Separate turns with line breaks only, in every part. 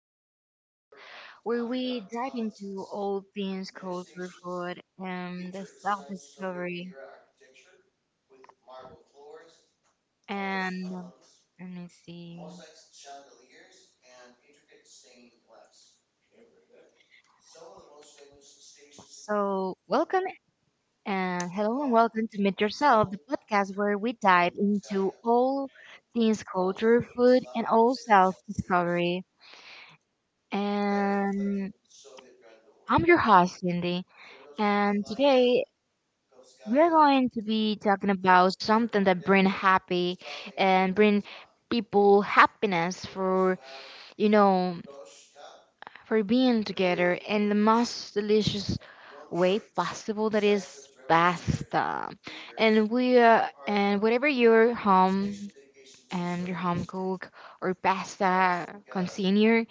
the podcast where we dive into all things culture, food, and the self discovery. And let me see. So, welcome and hello, and welcome to Meet Yourself, the podcast where we dive into all things culture, food, and all self discovery. And I'm your host, Cindy. And today we're going to be talking about something that bring happy and bring people happiness for you know for being together in the most delicious way possible that is pasta and we and whatever your home and your home cook or pasta consigliere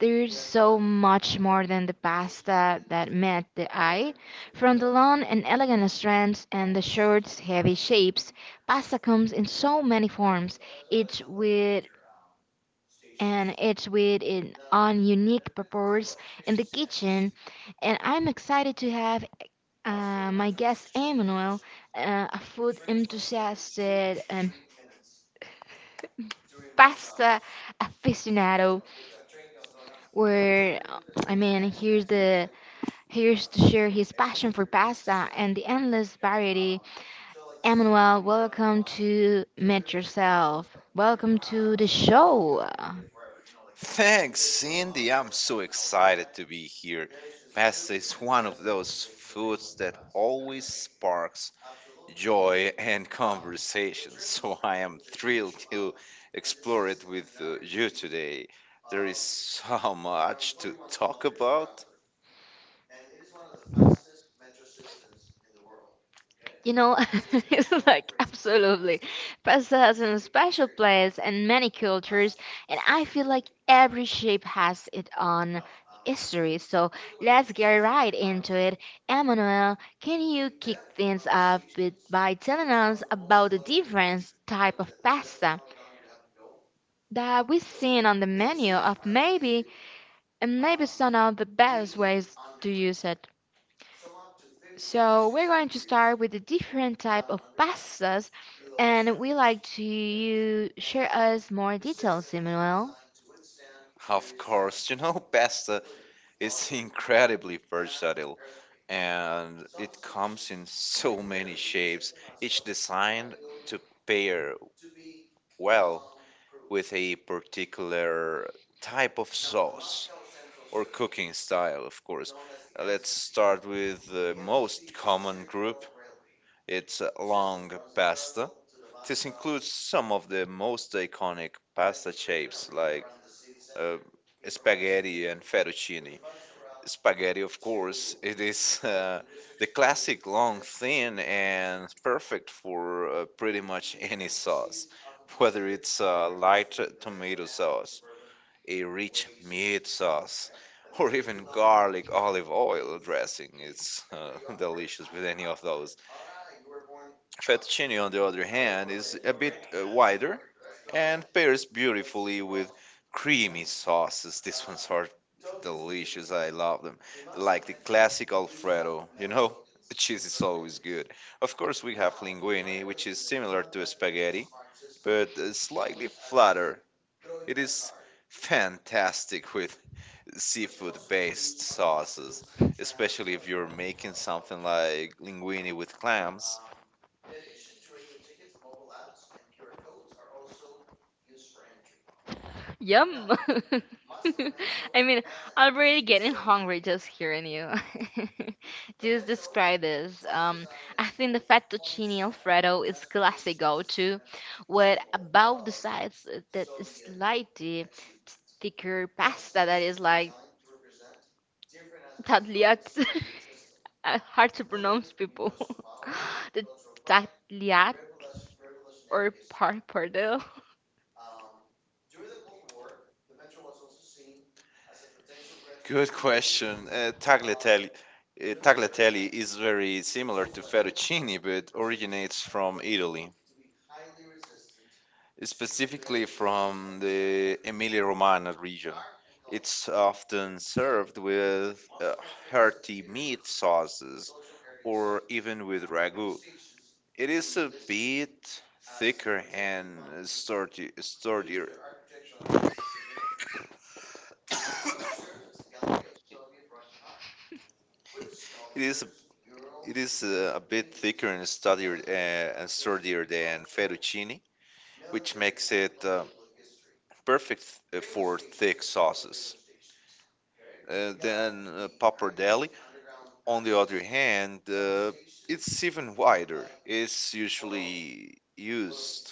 there's so much more than the pasta that met the eye. From the long and elegant strands and the short, heavy shapes, pasta comes in so many forms, each with and it's with its own unique purpose in the kitchen. And I'm excited to have my guest Emmanuel, a food enthusiast and pasta aficionado, where here's the here's to share his passion for pasta and the endless variety. Emmanuel, welcome to Met Yourself. Welcome to the show.
Thanks, Cindy. I'm so excited to be here. Pasta is one of those foods that always sparks joy and conversation, so I am thrilled to explore it with you today. There is so much to talk about.
You know, it's like absolutely. Pasta has a special place in many cultures, and I feel like every shape has its own history. So let's get right into it. Emmanuel, can you kick things off with, by telling us about the different type of pasta that we've seen on the menu of maybe and maybe some of the best ways to use it? So we're going to start with the different type of pastas. And we like to you share us more details, Emmanuel.
Of course, you know, pasta is incredibly versatile and it comes in so many shapes, each designed to pair well with a particular type of sauce or cooking style, of course. Let's start with the most common group. It's long pasta. This includes some of the most iconic pasta shapes like uh, spaghetti and fettuccine. Spaghetti, of course, it is the classic long, thin, and perfect for pretty much any sauce. Whether it's a light tomato sauce, a rich meat sauce, or even garlic olive oil dressing, it's delicious with any of those. Fettuccine, on the other hand, is a bit wider and pairs beautifully with creamy sauces. These ones are delicious. I love them. Like the classic Alfredo, you know? The cheese is always good. Of course, we have linguine, which is similar to spaghetti, but slightly flatter. It is fantastic with seafood based sauces, especially if you're making something like linguine with clams.
Yum. I mean, I'm already getting hungry just hearing you. just describe this. I think the fettuccine alfredo is classic go-to. What about the sides that is slightly thicker pasta that is like tagliat hard to pronounce people the tagliat or parpardel.
Good question. Tagliatelle is very similar to fettuccine but originates from Italy, specifically from the Emilia Romagna region. It's often served with hearty meat sauces or even with ragu. It is a bit thicker and sturdy, sturdier. It is a it is a bit thicker and sturdier than fettuccine, which makes it perfect for thick sauces. Then pappardelle, on the other hand, it's even wider. It's usually used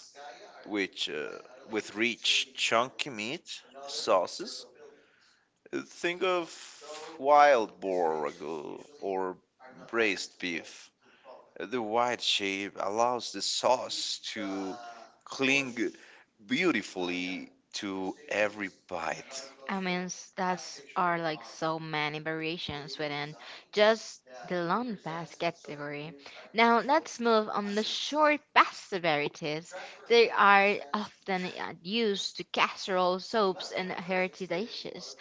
which, uh, with rich, chunky meat sauces. Think of wild boar ragu or braised beef. The wide shape allows the sauce to cling beautifully to every bite.
I mean, that's are like so many variations within just the long pass category. Now let's move on the short pass varieties. They are often used to casserole soaps and hearty dishes.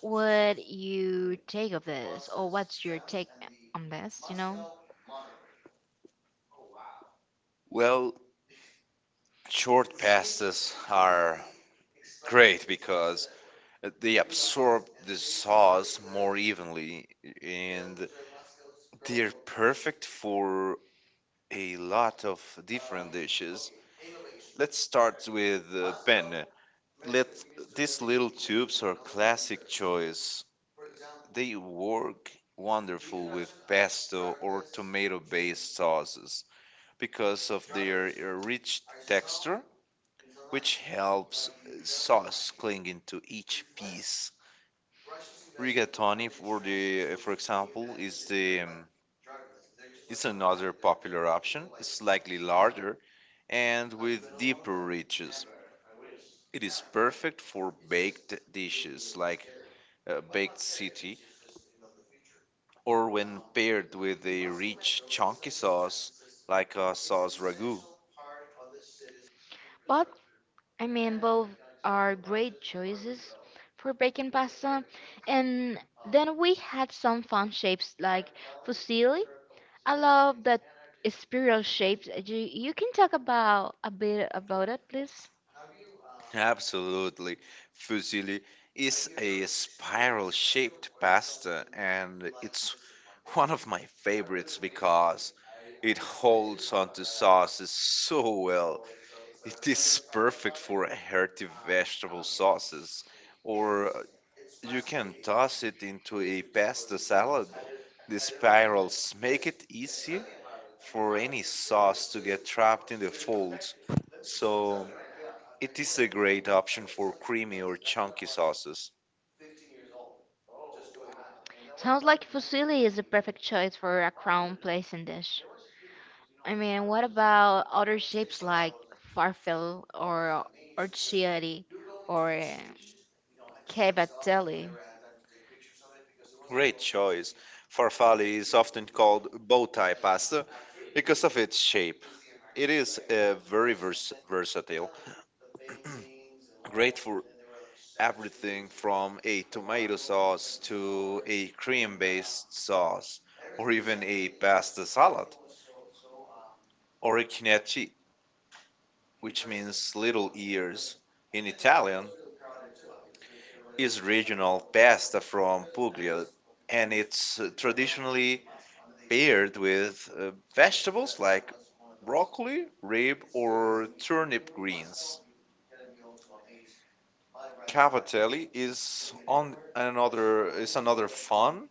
What you take of this, or what's your take on this? You know,
Well, short pastas are great because they absorb the sauce more evenly, and they're perfect for a lot of different dishes. Let's start with penne. Let These little tubes are classic choice. They work wonderful with pesto or tomato-based sauces because of their rich texture, which helps sauce clinging to each piece. Rigatoni, for example, is another popular option. It's slightly larger and with deeper ridges. It is perfect for baked dishes like baked city, or when paired with a rich chunky sauce like a sauce ragu.
but I mean both. Are great choices for baking pasta. And then we had some fun shapes like fusilli. I love that spiral shapes. You can talk about a bit about it, please.
Absolutely. Fusilli is a spiral shaped pasta, and it's one of my favorites because it holds onto sauces so well. It is perfect for hearty vegetable sauces, or you can toss it into a pasta salad. The spirals make it easy for any sauce to get trapped in the folds. So it is a great option for creamy or chunky sauces.
Sounds like fusilli is the perfect choice for a crown placing dish. I mean, what about other shapes like farfalle or orchidi or cavatelli?
Great choice. Farfalle is often called bow tie pasta because of its shape. It is very versatile, great for everything from a tomato sauce to a cream based sauce, or even a pasta salad, or a chinecchi, which means little ears in Italian. Is regional pasta from Puglia, and it's traditionally paired with vegetables like broccoli, rib, or turnip greens. Cavatelli is another fun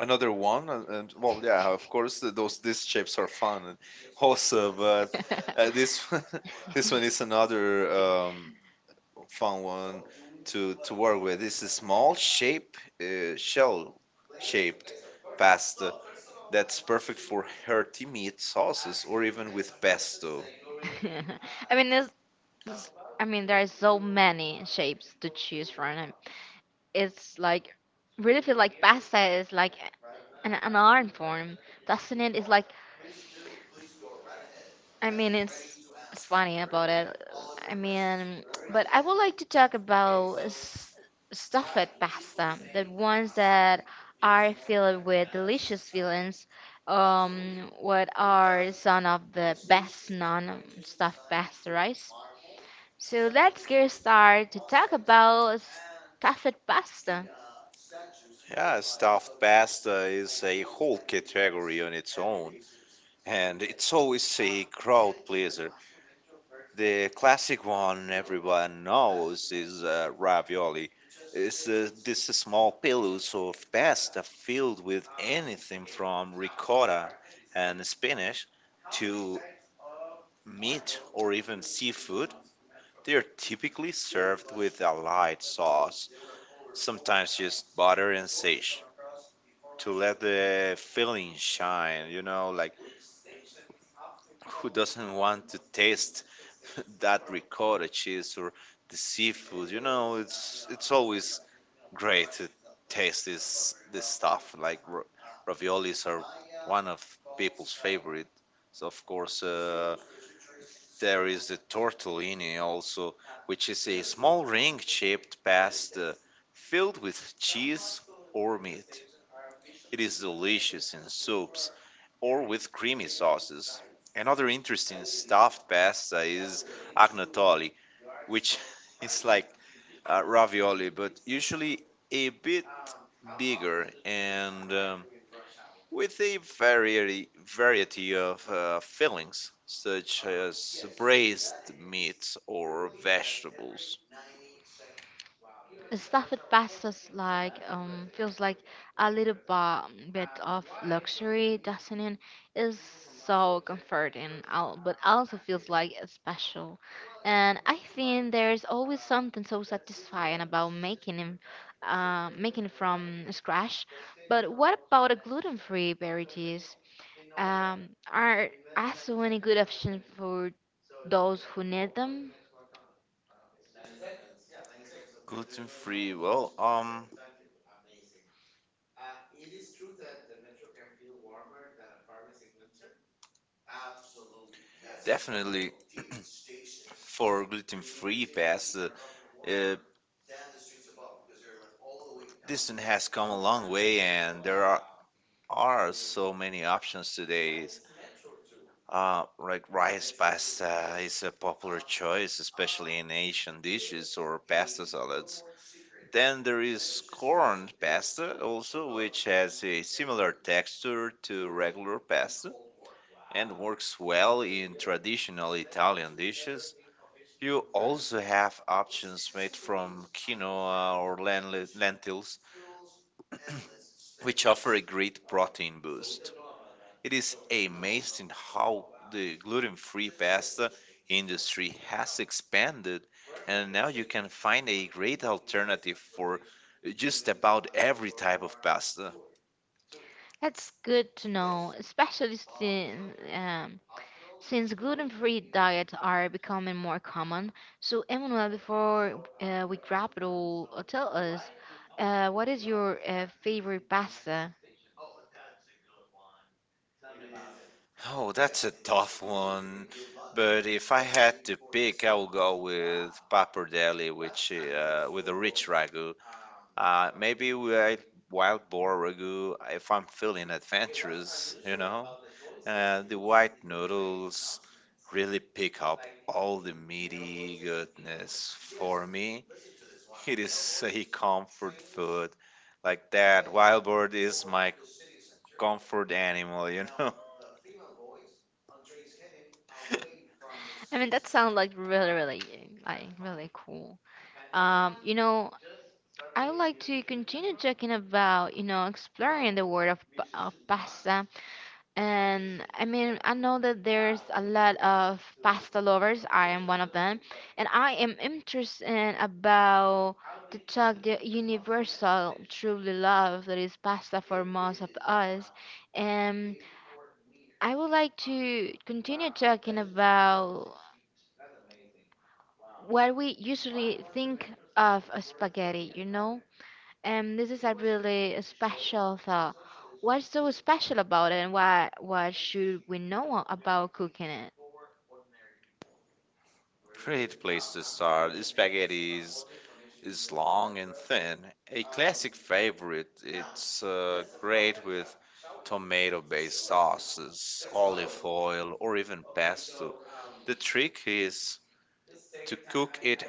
another one and well yeah of course those these shapes are fun and also, but this this one is another fun one to work with. It's a small shape, shell shaped pasta that's perfect for hearty meat sauces or even with pesto.
I mean, s- I mean, there are so many shapes to choose from. And it's like really feel like pasta is like an art form, doesn't it? It's like I mean, it's funny about it. I mean, but I would like to talk about stuffed pasta, the ones that are filled with delicious fillings. What are some of the best known stuffed pasta, right? So let's get started to talk about stuffed pasta.
Yeah, stuffed pasta is a whole category on its own, and it's always a crowd pleaser. The classic one everyone knows is ravioli. It's this small pillows of pasta filled with anything from ricotta and spinach to meat or even seafood. They are typically served with a light sauce, sometimes just butter and sage to let the filling shine. You know, like, who doesn't want to taste that ricotta cheese or the seafood? You know, it's always great to taste this stuff. Like, raviolis are one of people's favorite. So of course there is the tortellini also, which is a small ring shaped pasta filled with cheese or meat. It is delicious in soups, or with creamy sauces. Another interesting stuffed pasta is agnatoli, which is like ravioli, but usually a bit bigger and with a variety of fillings, such as braised meats or vegetables.
Stuffed pasta like feels like a little bit of luxury, doesn't It's so comforting, but also feels like it's special. And I think there's always something so satisfying about making him, making it from scratch. But what about a gluten-free berries? Um, are also many good options for those who need them.
Gluten free, well, definitely for gluten-free pasta, uh, Disney has come a long way, and are so many options today. Like, rice pasta is a popular choice, especially in Asian dishes or pasta salads. Then there is corn pasta also, which has a similar texture to regular pasta and works well in traditional Italian dishes. You also have options made from quinoa or lentils, which offer a great protein boost. It is amazing how the gluten free pasta industry has expanded, and now you can find a great alternative for just about every type of pasta.
That's good to know, especially since gluten-free diets are becoming more common. So, Emmanuel, before we wrap it all, tell us what is your favorite pasta?
Oh, that's a tough one. But if I had to pick, I would go with pappardelle, which with a rich ragu. Maybe with wild boar ragu if I'm feeling adventurous, you know. The white noodles really pick up all the meaty goodness for me. It is a comfort food like that. Wild boar is my comfort animal, you know.
I mean, that sounds like really, really, like really cool. You know, I would like to continue talking about, you know, exploring the world of, of pasta. And I mean, I know that there's a lot of pasta lovers. I am one of them. And I am interested about to talk the universal, truly love that is pasta for most of us. I would like to continue talking about what we usually think of as spaghetti, you know? And this is a really special thought. What's so special about it and why what should we know about cooking it?
Great place to start. Is long and thin. A classic favorite. It's great with tomato based sauces, olive oil, or even pesto. The trick is to cook it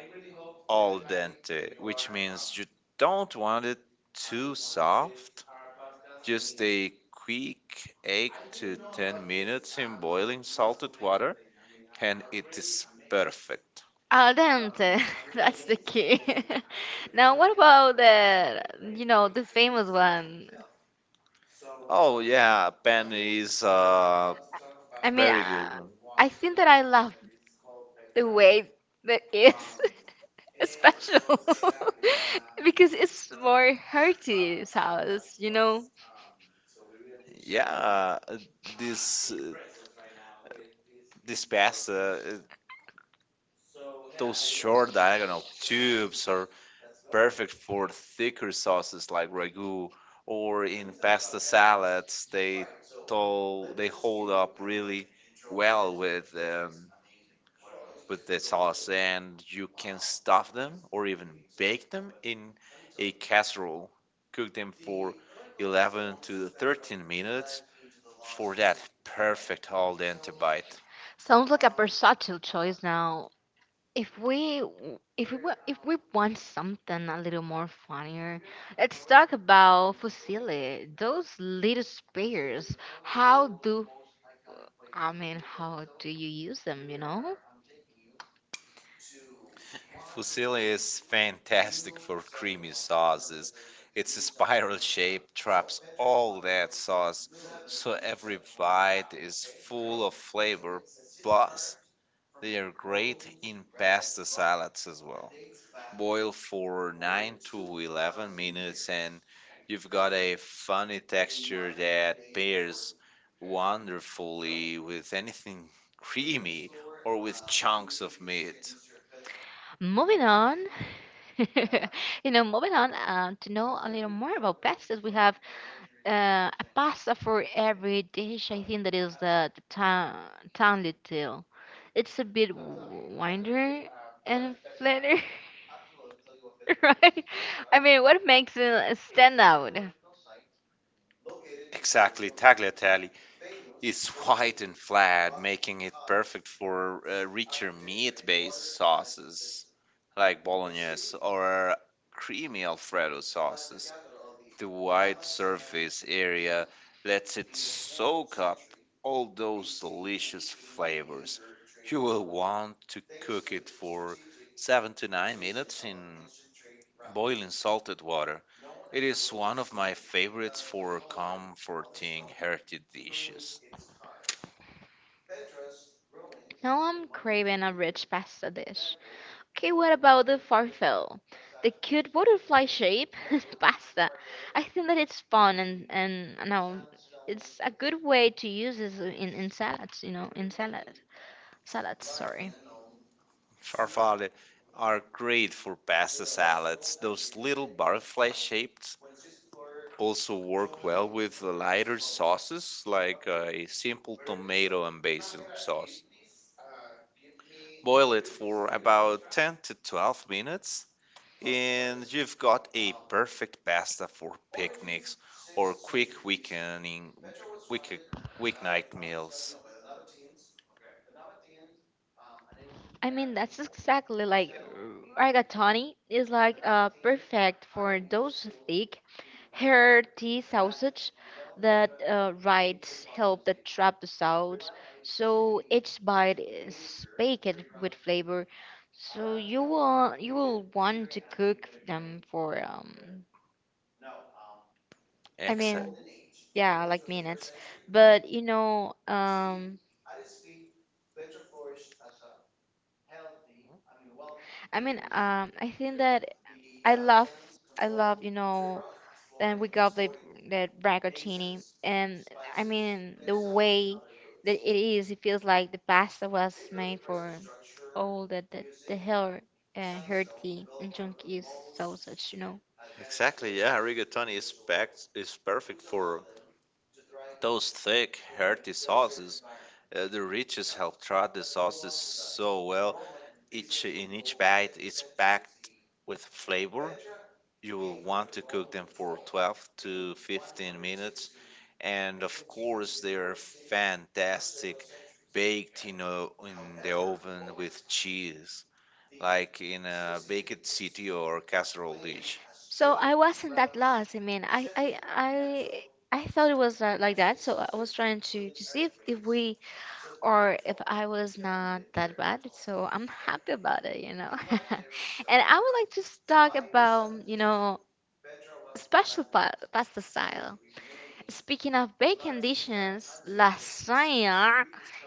al dente, which means you don't want it too soft. Just a quick 8 to 10 minutes in boiling salted water, and it is perfect.
Al dente, that's the key. Now what about the you know, the famous one?
Oh yeah, Penn is
I mean,
very good.
I think that I love the way that is. Special because it's more hearty sauce, you know.
Yeah, this uh, this pasta, those short diagonal tubes are perfect for thicker sauces like ragu or in pasta salads. They they hold up really well with the sauce, and you can stuff them or even bake them in a casserole. Cook them for 11 to 13 minutes for that perfect al dente bite.
Sounds like a versatile choice now if if if we want something a little more funnier, let's talk about fusilli, those little spears. How do I mean, how do you use them, you know.
Fusilli is fantastic for creamy sauces. Its spiral shape traps all that sauce, so every bite is full of flavor. Plus, they are great in pasta salads as well. Boil for 9 to 11 minutes and you've got a funny texture that pairs wonderfully with anything creamy or with chunks of meat.
Moving on, you know, moving on to know a little more about pastas, we have a pasta for every dish. I think that is the town town little. It's a bit wider and flatter, right? I mean, what makes it stand out?
Exactly, tagliatelle is white and flat, making it perfect for richer meat-based sauces like bolognese or creamy alfredo sauces. The wide surface area lets it soak up all those delicious flavors. You will want to cook it for 7 to 9 minutes in boiling salted water. It is one of my favorites for comforting hearty dishes.
Now I'm craving a rich pasta dish. Okay, what about the farfalle? The cute butterfly shape pasta. I think that it's fun and you know it's a good way to use this in salads, you know, in salad salads, sorry.
Farfalle are great for pasta salads. Those little butterfly shaped also work well with the lighter sauces like a simple tomato and basil sauce. Boil it for about 10 to 12 minutes and you've got a perfect pasta for picnics or quick week, weeknight meals.
I mean, that's exactly like rigatoni is like perfect for those thick, hearty sausage that rides help that trap the sounds. So each bite is baked with flavor. So you will want to cook them for I mean,
Exactly.
yeah, like minutes. But you know, I mean, I think that I love, I love, you know, then we got the braggadocio, and I mean the way that it is, it feels like the pasta was made for all the hell hearty and junky sausage, you know.
Exactly, yeah, rigatoni packed, is perfect for those thick, hearty sauces. The riches help try the sauces so well. Each bite, it's packed with flavor. You will want to cook them for 12 to 15 minutes, and of course, they are fantastic baked o in the oven with cheese, like in a baked city or casserole dish.
So I wasn't that lost. I mean, I thought it was like that. So I was trying to see if we or if I was not that bad. So I'm happy about it, you know. And I would like to talk about, you know, special pasta style. Speaking of bacon dishes, lasagna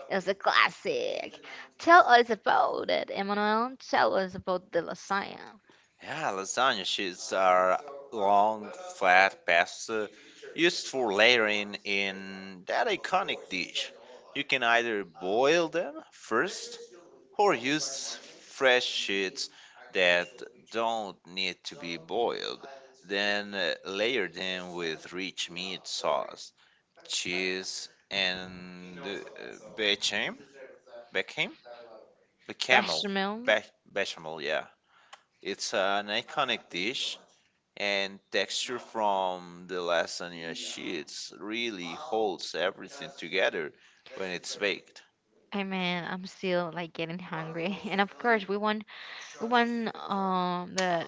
is a classic. Tell us about it, Emmanuel. Tell us about the lasagna.
Yeah, lasagna sheets are long, flat pasta used for layering in that iconic dish. You can either boil them first or use fresh sheets that don't need to be boiled. Then layer them with rich meat sauce, cheese, and bechamel. Bechamel? Bechamel.
Bechamel.
Bechamel, yeah. It's an iconic dish and texture from the lasagna sheets really holds everything together when it's baked.
I mean, I'm still like getting hungry, and of course, we want that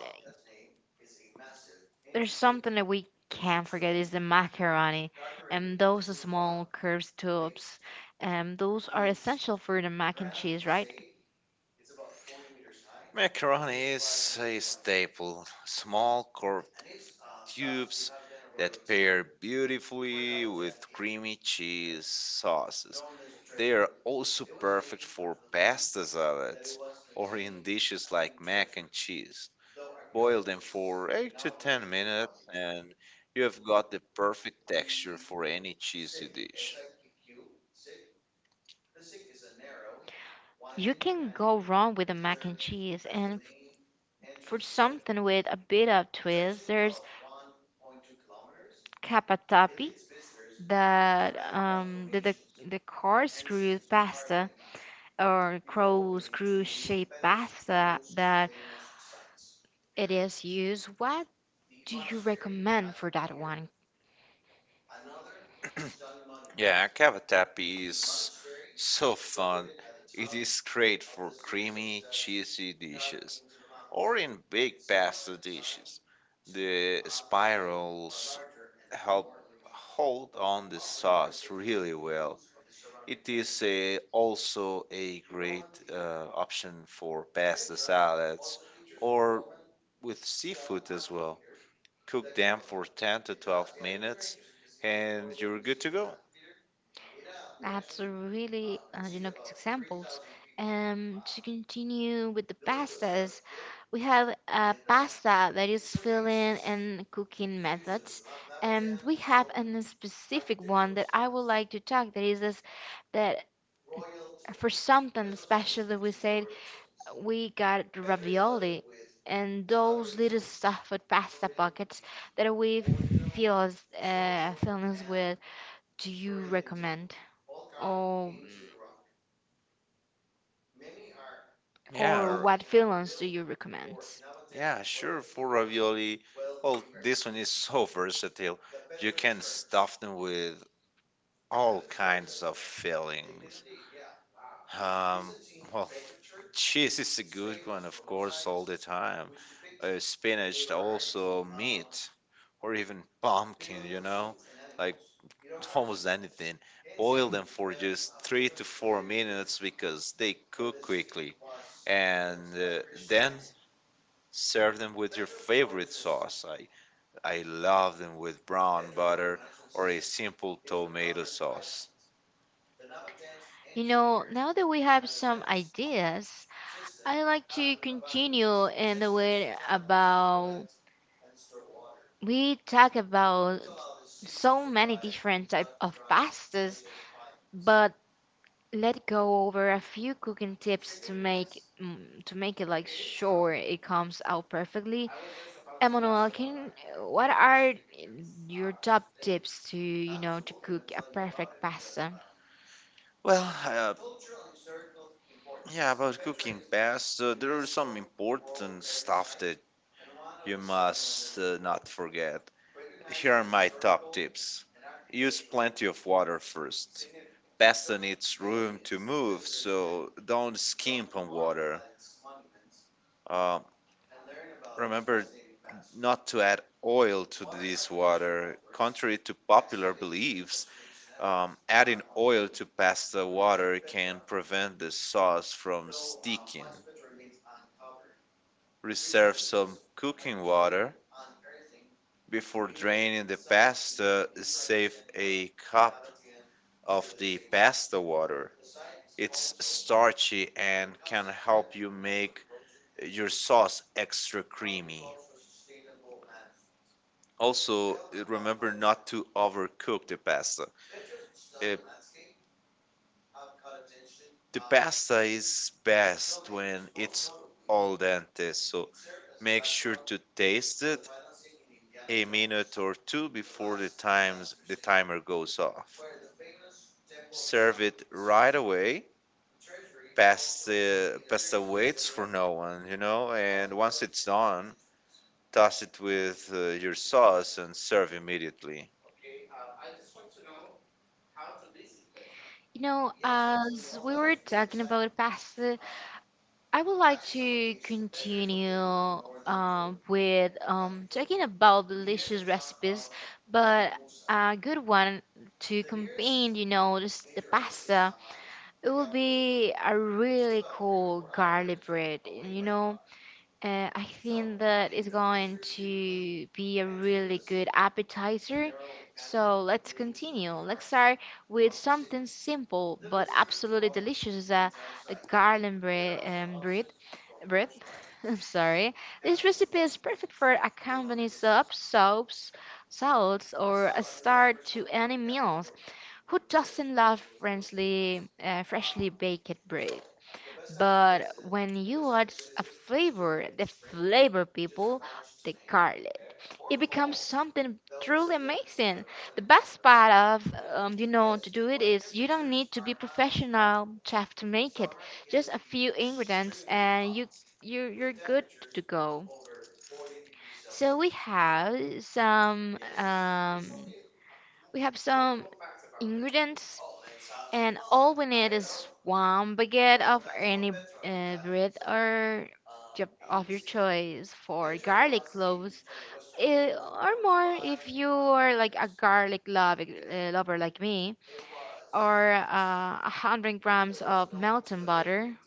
there's something that we can't forget is the macaroni, and those small curved tubes, and those are essential for the mac and cheese, right?
Macaroni is a staple, small curved tubes that pair beautifully with creamy cheese sauces. They are also perfect for pasta salads or in dishes like mac and cheese. Boil them for 8 to 10 minutes and you have got the perfect texture for any cheesy dish.
You can go wrong with the mac and cheese, and for something with a bit of twist, there's capatapi, that the car screw pasta or crow screw shaped pasta that it is used. What do you recommend for that one?
Yeah, cavatappi is so fun. It is great for creamy, cheesy dishes or in big pasta dishes. The spirals help hold on the sauce really well. It is a, also a great option for pasta salads or with seafood as well. Cook them for 10 to 12 minutes and you're good to go.
That's a really, you know, good examples. To continue with the pastas, we have a pasta that is filling and cooking methods, and we have a specific one that I would like to talk. That is this, that for something especially we said we got ravioli and those little stuffed pasta pockets that we fill us with do you recommend or
Yeah,
what films do you recommend?
Yeah, sure, for ravioli. Oh, this one is so versatile. You can stuff them with all kinds of fillings. Um, well, cheese is a good one, of course, all the time. Spinach, also meat, or even pumpkin, you know, like almost anything. Boil them for just 3 to 4 minutes because they cook quickly. And then serve them with your favorite sauce. I love them with brown butter or a simple tomato sauce.
You know, now that we have some ideas, I like to continue in the way about we talk about so many different type of pastas, but let us go over a few cooking tips to make to make it like sure it comes out perfectly. Emmanuel, can what are your top tips to you know to cook a perfect pasta?
Well, uh, yeah, about cooking past, there are some important stuff that you must not forget. Here are my top tips. Use plenty of water first. Pasta needs room to move, so don't skimp on water. Um Remember not to add oil to this water. Contrary to popular beliefs, adding oil to pasta water can prevent the sauce from sticking. Reserve some cooking water. Before draining the pasta, save a cup of the pasta water. It's starchy and can help you make your sauce extra creamy. Also, remember not to overcook the pasta. Eh, the pasta is best when it's al dente, so make sure to taste it a minute or two before the timer goes off. Serve it right away. Pasta waits for no one, and once it's done, toss it with your sauce and serve immediately.
You know, as we were talking about pasta, I would like to continue with talking about delicious recipes, but a good one to combine, you know, this, the pasta it will be a really cool garlic bread, you know. I think that it's going to be a really good appetizer. So let's continue. Let's start with something simple but absolutely delicious. Is a garlic bread, bread. I'm sorry. This recipe is perfect for accompanying soups, salads, or a start to any meals. Who doesn't love freshly baked bread? But when you add a flavor, the flavor people, the garlic, it becomes something truly amazing. The best part of, you know, to do it is you don't need to be professional chef to make it. Just a few ingredients and you're good to go. So some um, we have some ingredients and all we need is one baguette of any bread or of your choice for garlic cloves, eh, or more if you are like a garlic lover like me, or 100 grams of melted butter,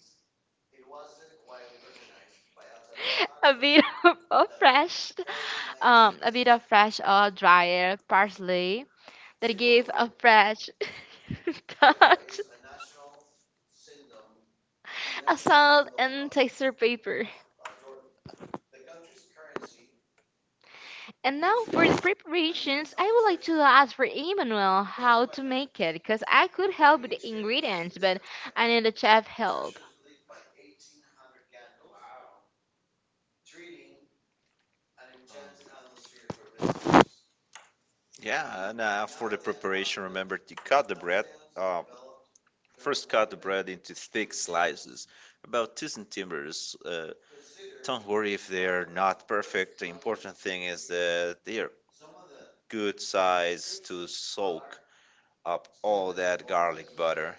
a bit of fresh, a bit of fresh or dried parsley, that give a fresh touch, a salt and texture paper. And now for the preparations, I would like to ask for Emmanuel how to make it because I could help with the ingredients, but I need a chef help.
Yeah, and for the preparation, remember to cut the bread. Uh, First, cut the bread into thick slices, about 2 centimeters. Don't worry if they're not perfect. The important thing is that they are good size to soak up all that garlic butter.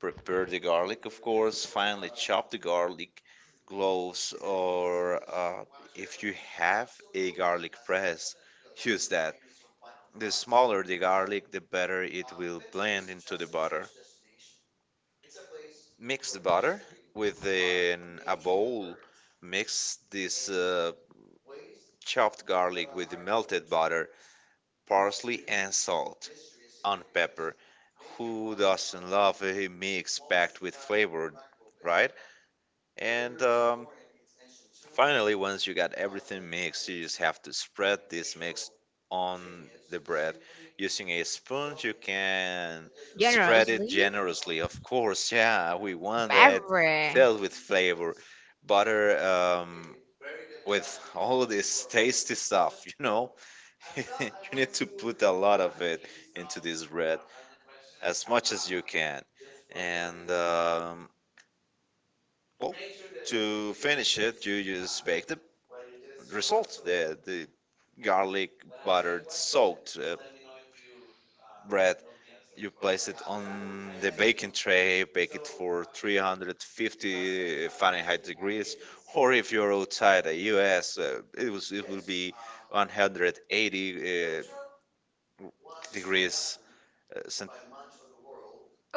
Prepare the garlic, of course. Finely chop the garlic cloves, or if you have a garlic press, use that. The smaller the garlic, the better it will blend into the butter. Mix the butter within a bowl, mix this chopped garlic with the melted butter, parsley, and salt and pepper. Who doesn't love a mix packed with flavor, right? And finally, once you got everything mixed, you just have to spread this mix on the bread. Using a spoon, you can spread it generously. Of course, yeah, we want that filled
Everywhere.
with flavor. Butter with all of this tasty stuff, you know? You need to put a lot of it into this bread as much as you can. And well, to finish it, you just bake the result, the garlic buttered soaked bread. You place it on the baking tray, bake it for 350 Fahrenheit degrees, or if you're outside the US, it will be 180 degrees. Uh, cent-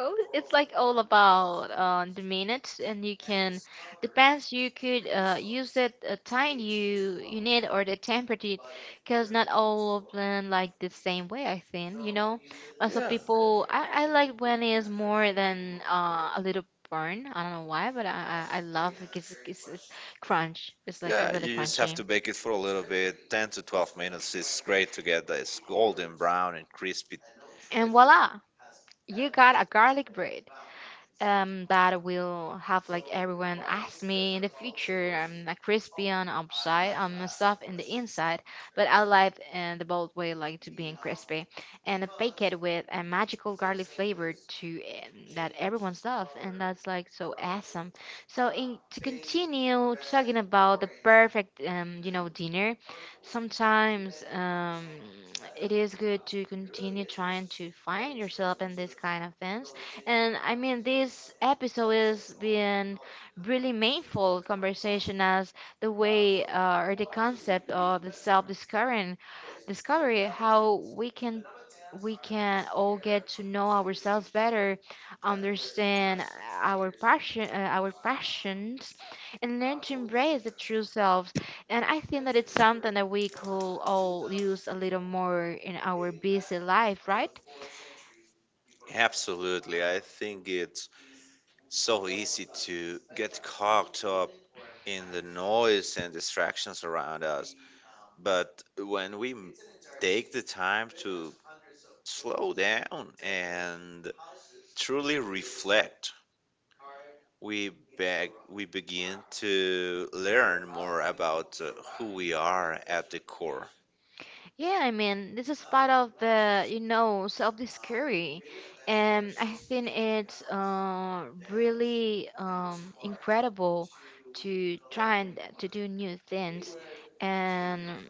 Oh, it's like all about the minutes, and you can depends. You could use it time you need or the temperature, because not all of them like the same way. I think you know, but some
yeah.
people I like when it's more than a little burn. I don't know why, but I love it. It's crunch. It's like a
Yeah,
really
you just have
crunchy,
to bake it for a little bit. 10 to 12 minutes is great to get this golden brown and crispy.
and voila, you got a garlic bread that will have like everyone ask me in the future. I'm a crispy on the outside, I'm a soft in the inside, but I like in the bold way like to being crispy, and I bake it with a magical garlic flavor to that everyone's love, and that's like so awesome. So in, to continue talking about the perfect dinner, sometimes it is good to continue trying to find yourself in this kind of things. And I mean, this episode has been really meaningful conversation as the way or the concept of the self-discovering, discovery, how we can all get to know ourselves better, understand our passion, our passions, and learn to embrace the true selves. And I think that it's something that we could all use a little more in our busy life, right?
Absolutely. I think it's so easy to get caught up in the noise and distractions around us. But when take the time to slow down and truly reflect, we we begin to learn more about who we are at the core.
Yeah, I mean, this is part of the self-discovery. And I think it's really incredible to try and to do new things. And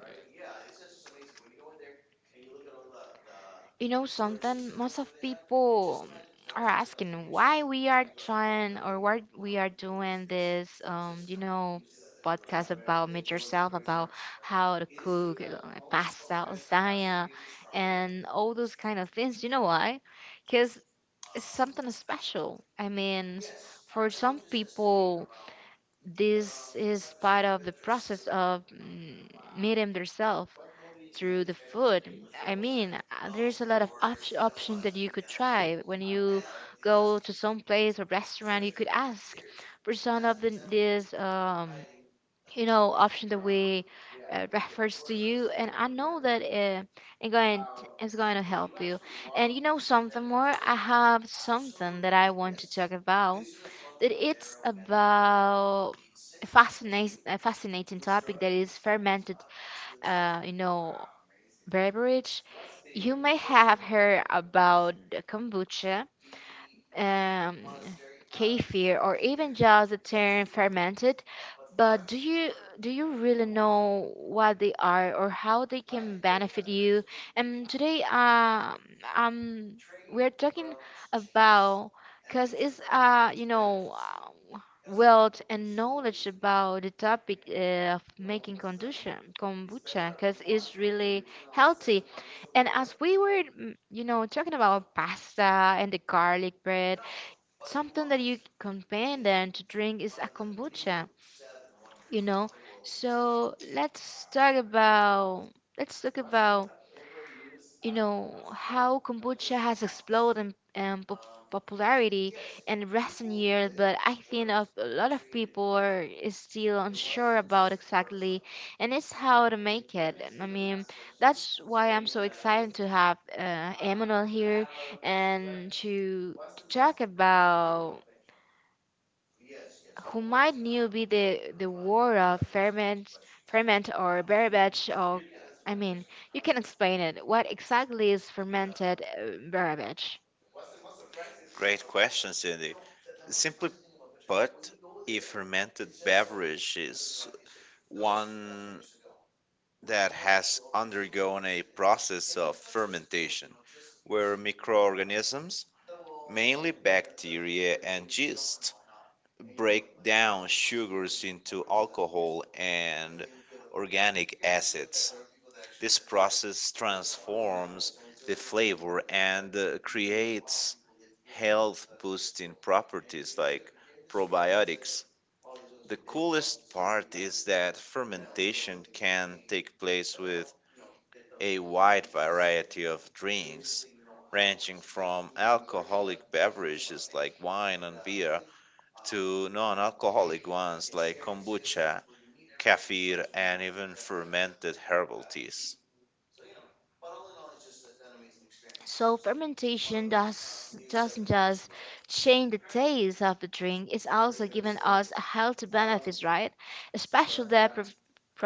you know something, most of people are asking why we are trying or why we are doing this, podcast about Make Yourself, about how to cook like pasta, lasagna, and all those kind of things. You know why? Because it's something special. I mean, for some people, this is part of the process of meeting themselves through the food. I mean, there's a lot of options that you could try. When you go to some place or restaurant, you could ask for some of this, option that we refers to you. And I know that it going it's going to help you. And you know something more? I have something that I want to talk about. That it's about a fascinating topic that is fermented, uh, you know, beverage. You may have heard about the kombucha, um, kefir, or even just the term fermented, but do you really know what they are or how they can benefit you? And today, um, we're talking about because it's. Wealth and knowledge about the topic of making kombucha, because it's really healthy. And as we were, talking about pasta and the garlic bread, something that you compare then to drink is a kombucha, you know. So let's talk about how kombucha has exploded in popularity in recent years, but I think of a lot of people are is still unsure about exactly, and it's how to make it. And I mean, that's why I'm so excited to have Emmanuel here and to talk about who might knew be the word of ferment or barabage or I mean you can explain it. What exactly is fermented barabage?
Great question, Cindy. Simply put, if fermented beverage is one that has undergone a process of fermentation, where microorganisms, mainly bacteria and yeast, break down sugars into alcohol and organic acids. This process transforms the flavor and creates health boosting properties like probiotics. The coolest part is that fermentation can take place with a wide variety of drinks, ranging from alcoholic beverages like wine and beer to non alcoholic ones like kombucha, kefir, and even fermented herbal teas.
So fermentation doesn't just change the taste of the drink, it's also giving us a health benefits, right? Especially the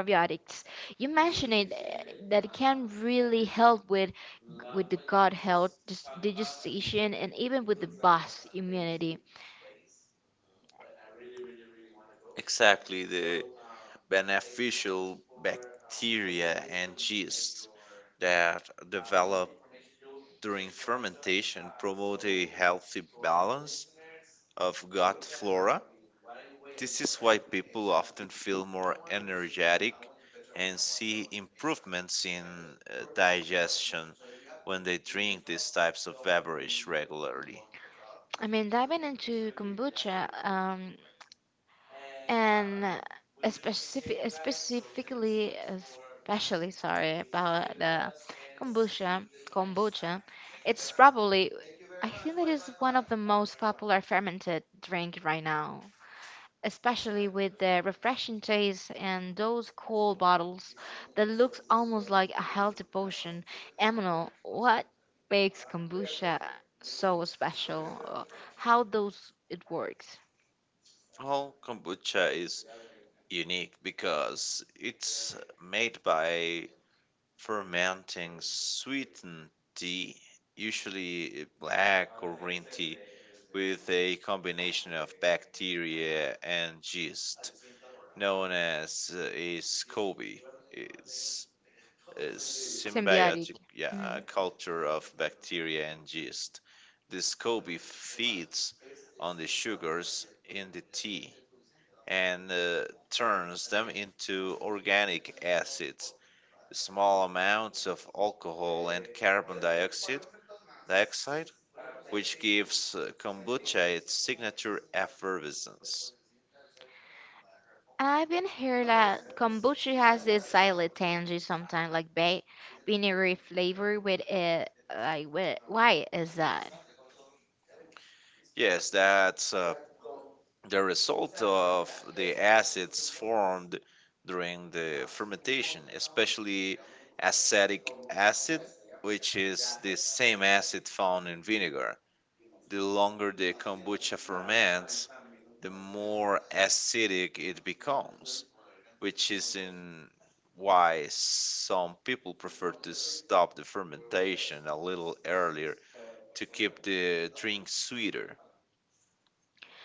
probiotics. You mentioned it that it can really help with the gut health, digestion, and even with the boss immunity.
Exactly, the beneficial bacteria and yeast that develop during fermentation promote a healthy balance of gut flora. This is why people often feel more energetic and see improvements in digestion when they drink these types of beverage regularly.
I mean, diving into kombucha and specifically, especially sorry about the kombucha. Kombucha, it's probably I think that is one of the most popular fermented drink right now, especially with the refreshing taste and those cool bottles that looks almost like a healthy potion. Emmanuel, what makes kombucha so special? How does it works?
Well, kombucha is unique because it's made by fermenting sweetened tea, usually black or green tea, with a combination of bacteria and yeast, known as a SCOBY. It's a
Symbiotic.
symbiotic, yeah,
Mm.
culture of bacteria and yeast. The SCOBY feeds on the sugars in the tea and turns them into organic acids. Small amounts of alcohol and carbon dioxide, which gives kombucha its signature effervescence.
Have been heard that kombucha has this silent tangy, sometimes like vinegar flavor with it. Like, why is that?
Yes, that's the result of the acids formed during the fermentation, especially acetic acid, which is the same acid found in vinegar. The longer the kombucha ferments, the more acidic it becomes, which is in why some people prefer to stop the fermentation a little earlier to keep the drink sweeter.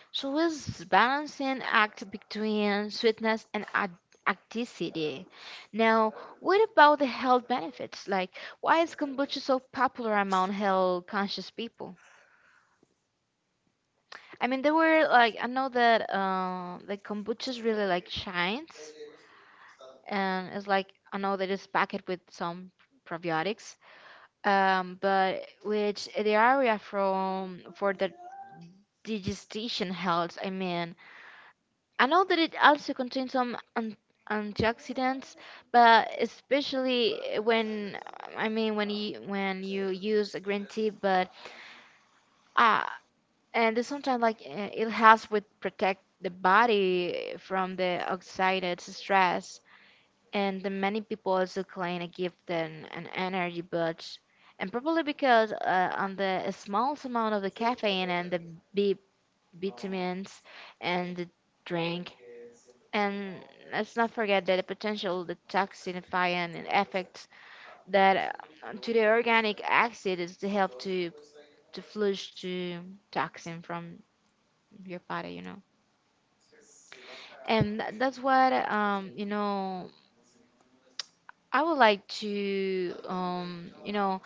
So it's balancing act between sweetness and acticity. Now, what about the health benefits? Like, why is kombucha so popular among health conscious people? I mean, there were like I know that the kombucha's really like shines, and it's like I know that it's packed with some probiotics, but which the area from for the digestion health. I mean, I know that it also contains some antioxidants, but especially when I mean when you use a green tea, but ah, and there's sometimes like it helps with protect the body from the oxidated stress, and the many people also claim it gives them an energy boost. And probably because on the small amount of the caffeine and the b vitamins, and the drink. And let's not forget that the potential detoxifying effects that to the organic acid is to help to flush to toxin from your body. And that's what I would like to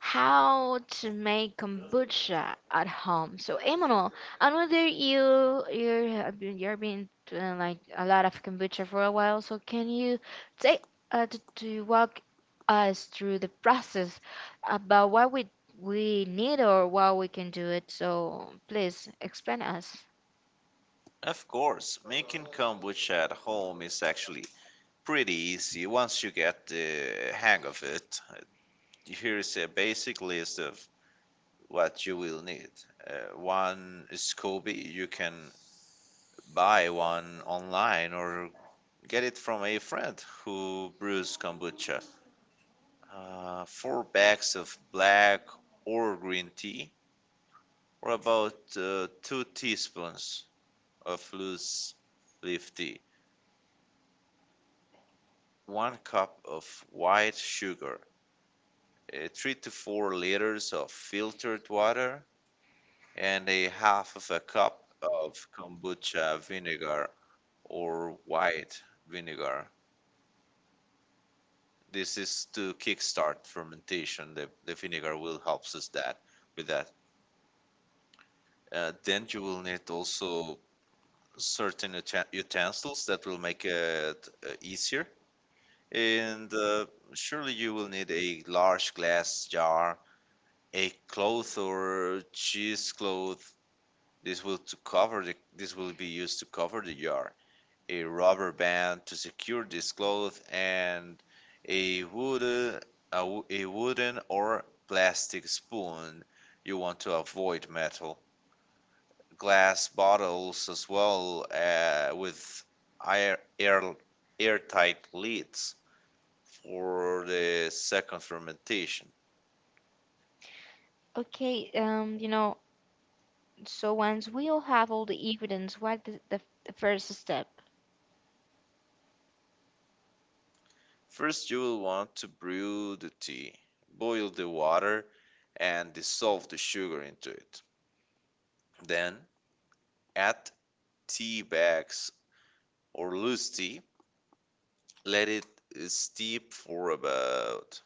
how to make kombucha at home. So, Emmanuel, I know that you're you're been doing like a lot of kombucha for a while. So, can you take to walk us through the process about what we need or what we can do it? So, please explain us.
Of course, making kombucha at home is actually pretty easy once you get the hang of it. Here is a basic list of what you will need. One scoby, you can buy one online or get it from a friend who brews kombucha. Four bags of black or green tea, or about two teaspoons of loose leaf tea, one cup of white sugar, 3 to 4 liters of filtered water, and a half of a cup of kombucha vinegar or white vinegar. This is to kickstart fermentation. The vinegar will helps us that with that. Then you will need also certain utensils that will make it easier. And surely you will need a large glass jar, a cloth or cheesecloth. This will to cover the, this will be used to cover the jar, a rubber band to secure this cloth, and a a wooden or plastic spoon. You want to avoid metal. Glass bottles as well with air, air, airtight lids for the second fermentation.
Okay, so once we all have all the evidence, what the first step?
First, you will want to brew the tea. Boil the water and dissolve the sugar into it. Then add tea bags or loose tea. Let it steep for about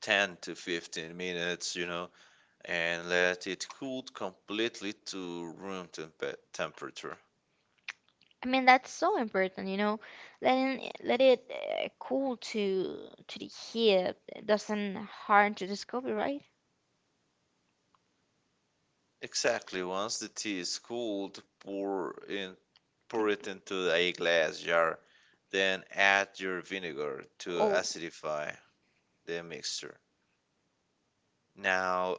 10 to 15 minutes, you know, and let it cool completely to room temperature.
I mean that's so important. Let it cool to the heat doesn't harm to the scoby, right? Like,
Exactly, once the tea is cooled, pour it into a
Like
glass jar, then add your vinegar to
oh,
acidify the mixture. Now,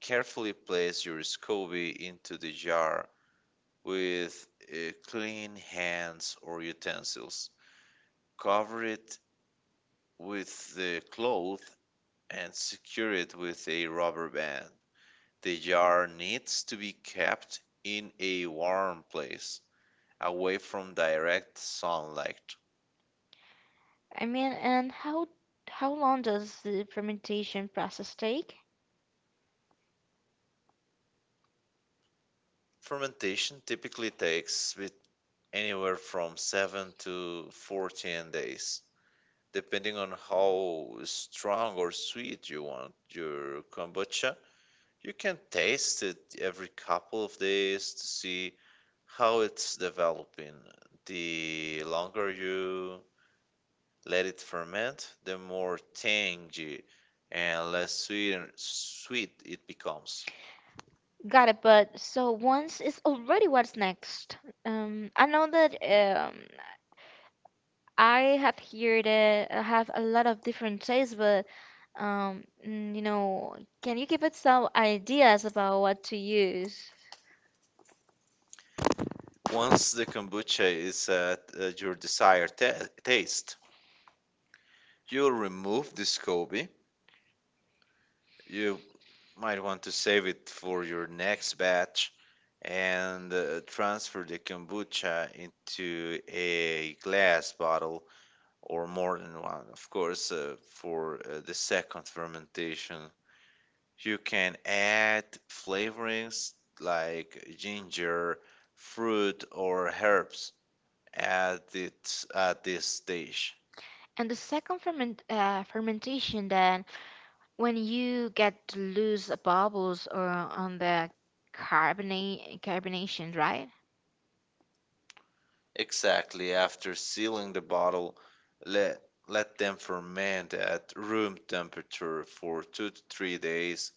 carefully place your SCOBY into the jar with clean hands or utensils. Cover it with the cloth, and secure it with a rubber band. The jar needs to be kept in a warm place, away from direct sunlight.
I mean, and how long does the fermentation process take?
Fermentation typically takes anywhere from 7 to 14 days, depending on how strong or sweet you want your kombucha. You can taste it every couple of days to see how it's developing. The longer you let it ferment, the more tangy and less sweet it becomes.
Got it, but so once it's already what's next. I know that I have heard it, I have a lot of different tastes, but um, mm, you know, can you give us some ideas about what to use?
Once the kombucha is at your desired taste, you'll remove the SCOBY. You might want to save it for your next batch and transfer the kombucha into a glass bottle or more than one. Of course, for the second fermentation, you can add flavorings like ginger, fruit, or herbs at this stage.
And the second fermentation, then, when you get to lose the bubbles or on the carbonate carbonation, right?
Exactly, after sealing the bottle, let let them ferment at room temperature for 2 to 3 days.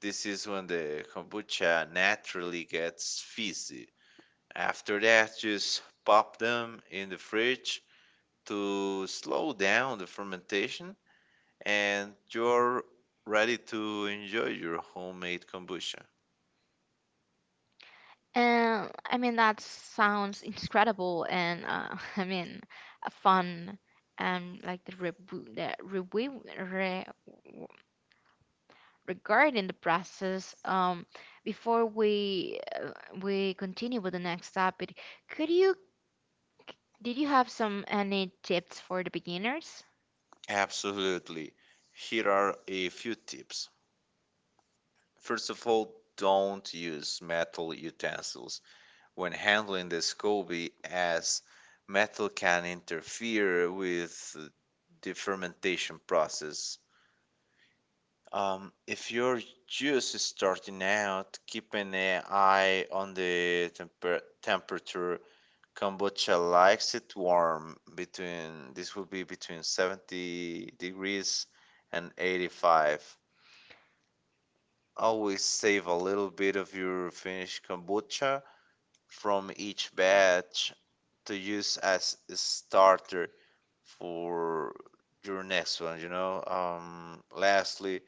This is when the kombucha naturally gets fizzy. After that, just pop them in the fridge to slow down the fermentation, and you're ready to enjoy your homemade kombucha.
And I mean that sounds incredible, and I mean a fun and like the rebu regarding the process before we we continue with the next topic. Could you Did you have some any tips for the beginners?
Absolutely. Here are a few tips. First of all, don't use metal utensils when handling the SCOBY, as metal can interfere with the fermentation process. If you're just starting out, keep an eye on the temperature. Kombucha likes it warm, between this will be between 70 degrees and 85. Always save a little bit of your finished kombucha from each batch to use as a starter for your next one, you know. Lastly,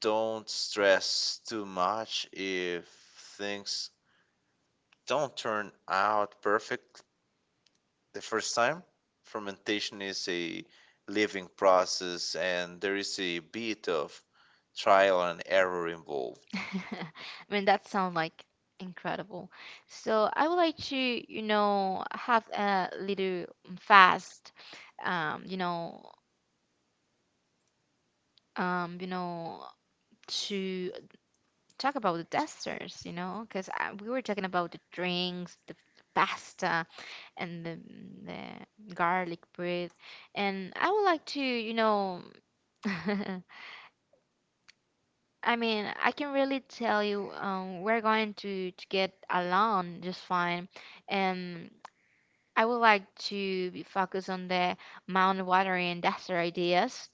don't stress too much if things don't turn out perfect the first time. Fermentation is a living process and there is a bit of trial and error involved.
I mean that sounds like incredible, so I would like to have a little fast, um, you know um, you know to talk about the desserts, because we were talking about the drinks, the pasta, and the garlic bread, and I would like to I mean I can really tell you we're going to get along just fine, and I would like to be focused on the mountain watering and desert ideas.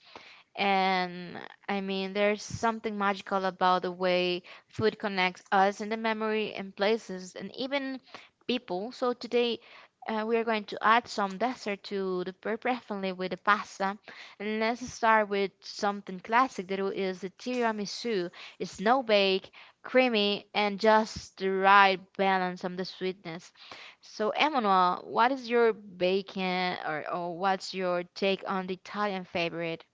And I mean, there's something magical about the way food connects us in the memory and places and even people. So today we are going to add some dessert to the purple family with the pasta. And let's start with something classic that is the tiramisu. It's snow bake, creamy, and just the right balance of the sweetness. So, Emmanuel, what is your bacon or what's your take on the Italian favorite?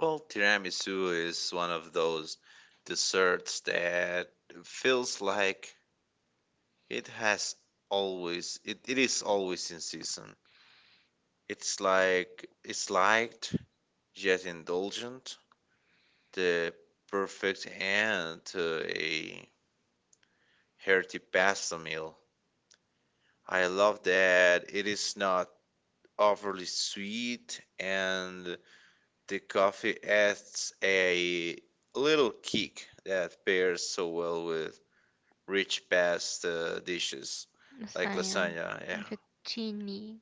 Well, tiramisu is one of those desserts that feels like it has it, it is always in season. It's like it's light yet indulgent, the perfect end to a hearty pasta meal. I love that it is not overly sweet and the coffee adds a little kick that pairs so well with rich pasta dishes
Like
like
Lasagna,
lasagna.
and
Yeah,
fettuccine.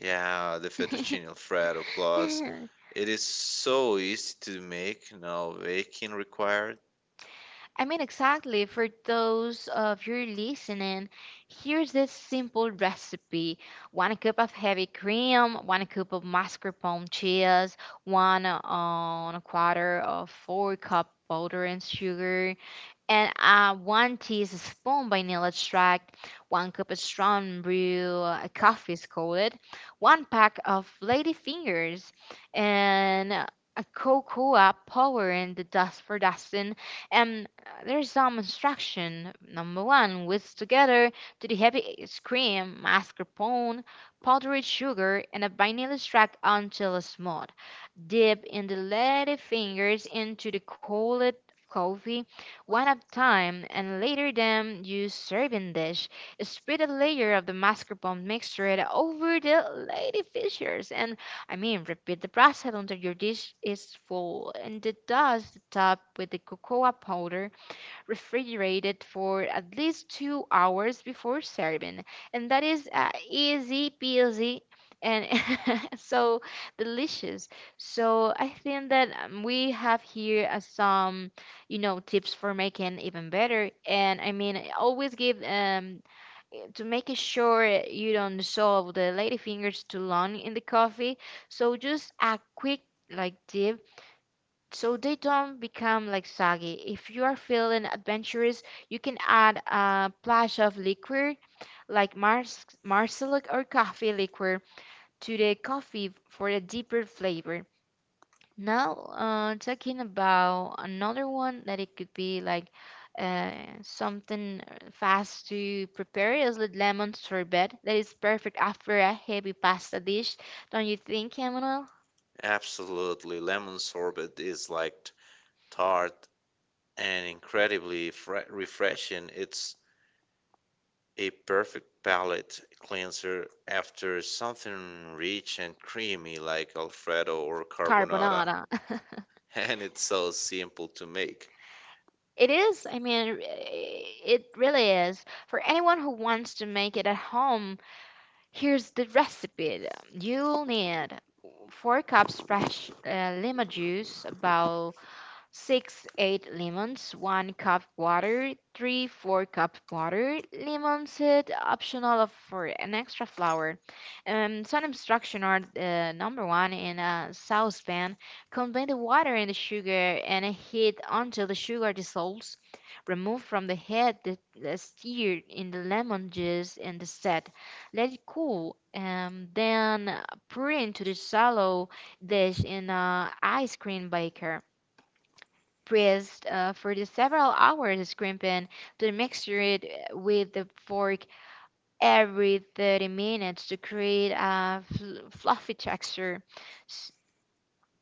yeah, the fettuccine alfredo plus.
Sauce.
It is so easy to make, no baking required.
I mean, exactly. For those of you listening, here's this simple recipe: 1 cup of heavy cream, 1 cup of mascarpone cheese, one on a quarter of four cup butter and sugar, and 1 teaspoon vanilla extract, 1 cup of strong brew, coffee is coated, 1 pack of ladyfingers, and a cocoa powder in the dust for dusting. And there's some instruction. Number one, whisk together to the heavy cream, mascarpone, powdered sugar, and a vanilla extract until it's smooth. Dip in the leady fingers into the cold coffee one at a time and later them use serving dish. Spread a layer of the mascarpone mixture over the lady fingers, and I mean repeat the process until your dish is full, and dust the top with the cocoa powder. Refrigerated for at least 2 hours before serving. And that is easy peasy, and so delicious. So I think that we have here some, tips for making even better. And I mean, always give to make sure you don't dissolve the lady fingers too long in the coffee. So just a quick like tip so they don't become like soggy. If you are feeling adventurous, you can add a splash of liquor like marsala or coffee liquor to the coffee for a deeper flavor. Now, talking about another one that it could be like uh, something fast to prepare is with lemon sorbet that is perfect after a heavy pasta dish, don't you think, Emmanuel?
Absolutely, lemon sorbet is like tart, and incredibly refreshing. It's a perfect palate
Cleanse
cleanser
after
after something rich
and
and creamy like Alfredo or carbonara,
Carbonara.
and it's so simple to make.
It is, I mean, it really is. For anyone who wants to make it at home, here's the recipe. You'll need 4 cups fresh lima juice, about six eight lemons, 1 cup water, three four cup water, lemon seed optional for an extra flour. Some instruction are number one, in a saucepan combine the water and the sugar and heat until the sugar dissolves. Remove from the head the steer in the lemon juice and the set. Let it cool, then pour into the shallow dish in a ice cream baker. Braised for the several hours, scrimping the mixture it with the fork every 30 minutes to create a fluffy texture. S-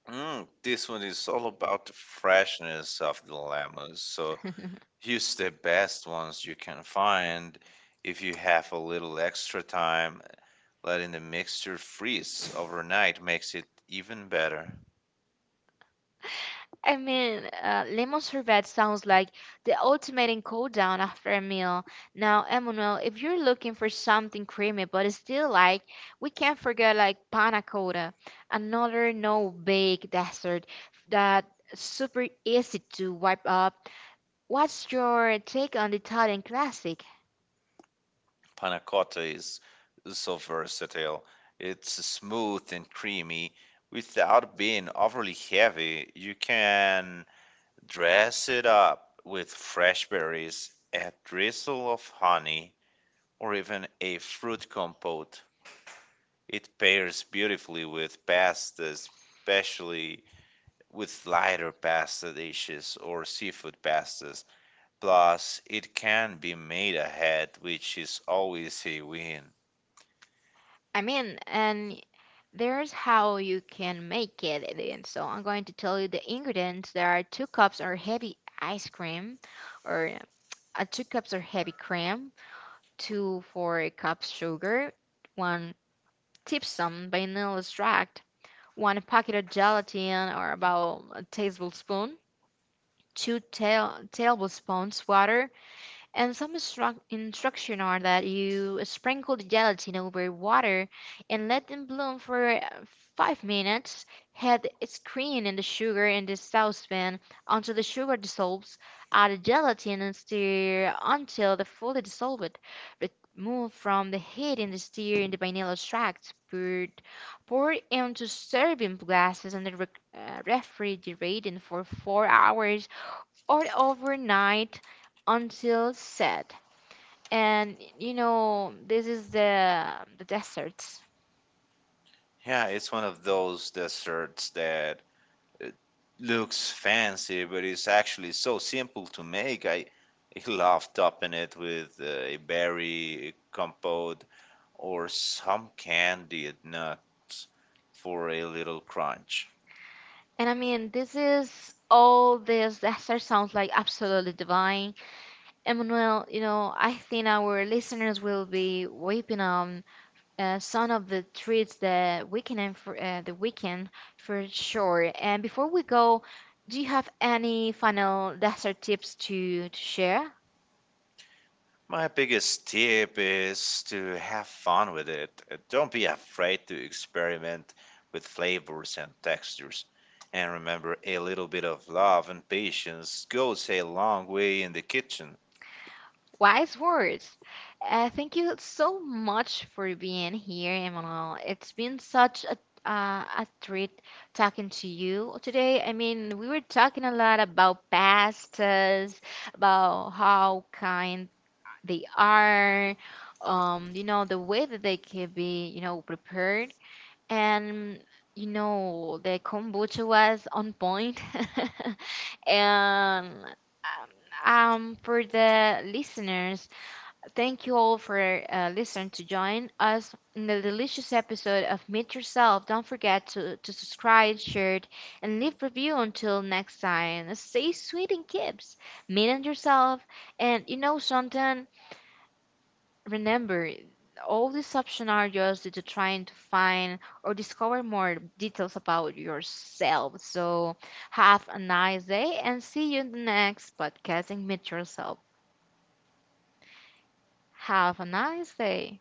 Mm, this one is all about the freshness of the lemons, so use the best ones you can find. If you have a little extra time, letting the mixture freeze overnight makes it even better.
I mean, lemon sorbet sounds like the ultimate in cool down after a meal. Now, Emmanuel, if you're looking for something creamy but it's still like, we can't forget like panna cotta, another no bake dessert that super easy to wipe up. What's your take on the Italian classic?
Panna cotta is so versatile. It's smooth and creamy without being overly heavy. You can dress it up with fresh berries, a drizzle of honey, or even a fruit compote. It pairs beautifully with pastas, especially with lighter pasta dishes or seafood pastas. Plus, it can be made ahead, which is always a win.
I mean, and there's how you can make it. And so I'm going to tell you the ingredients. There are 2 cups or heavy ice cream, or 2 cups or heavy cream, two four cups sugar, 1 teaspoon vanilla extract, 1 packet of gelatin, or about a tablespoon, two tablespoons water. And some instruction are that you sprinkle the gelatin over water and let them bloom for 5 minutes. Head is cream and the sugar in the saucepan until the sugar dissolves. Add the gelatin and stir until the fully dissolved. Remove from the heat and stir in the vanilla extract. Pour into serving glasses and then refrigerate in for 4 hours or overnight until set. And you know, this is the deserts.
Yeah, it's one of those desserts that uh, looks fancy, but it's actually so simple to make. I love topping it with a berry compote or some candied nuts for a little crunch.
And I mean, this is all this desert sounds like absolutely divine. Emmanuel, you know, I think our listeners will be weeping on some of the treats the weekend and for the weekend for sure. And before we go, do you have any final desert tips to share?
My biggest tip is to have fun with it. Don't be afraid to experiment with flavors and textures. And remember, a little bit of love and patience goes a long way in the kitchen.
Wise words. Thank you so much for being here, Emmanuel. It's been such a treat talking to you today. I mean, we were talking a lot about pastors, about how kind they are, the way that they can be, prepared, and the kombucha was on point, and for the listeners. Thank you all for listening to join us in the delicious episode of Meet Yourself. Don't forget to subscribe, share, it, and leave review until next time. Stay sweet and kips. Meet on yourself. And you know something? Remember, all these options are just to trying to find or discover more details about yourself. So have a nice day and see you in the next podcast and meet yourself. Have a nice day.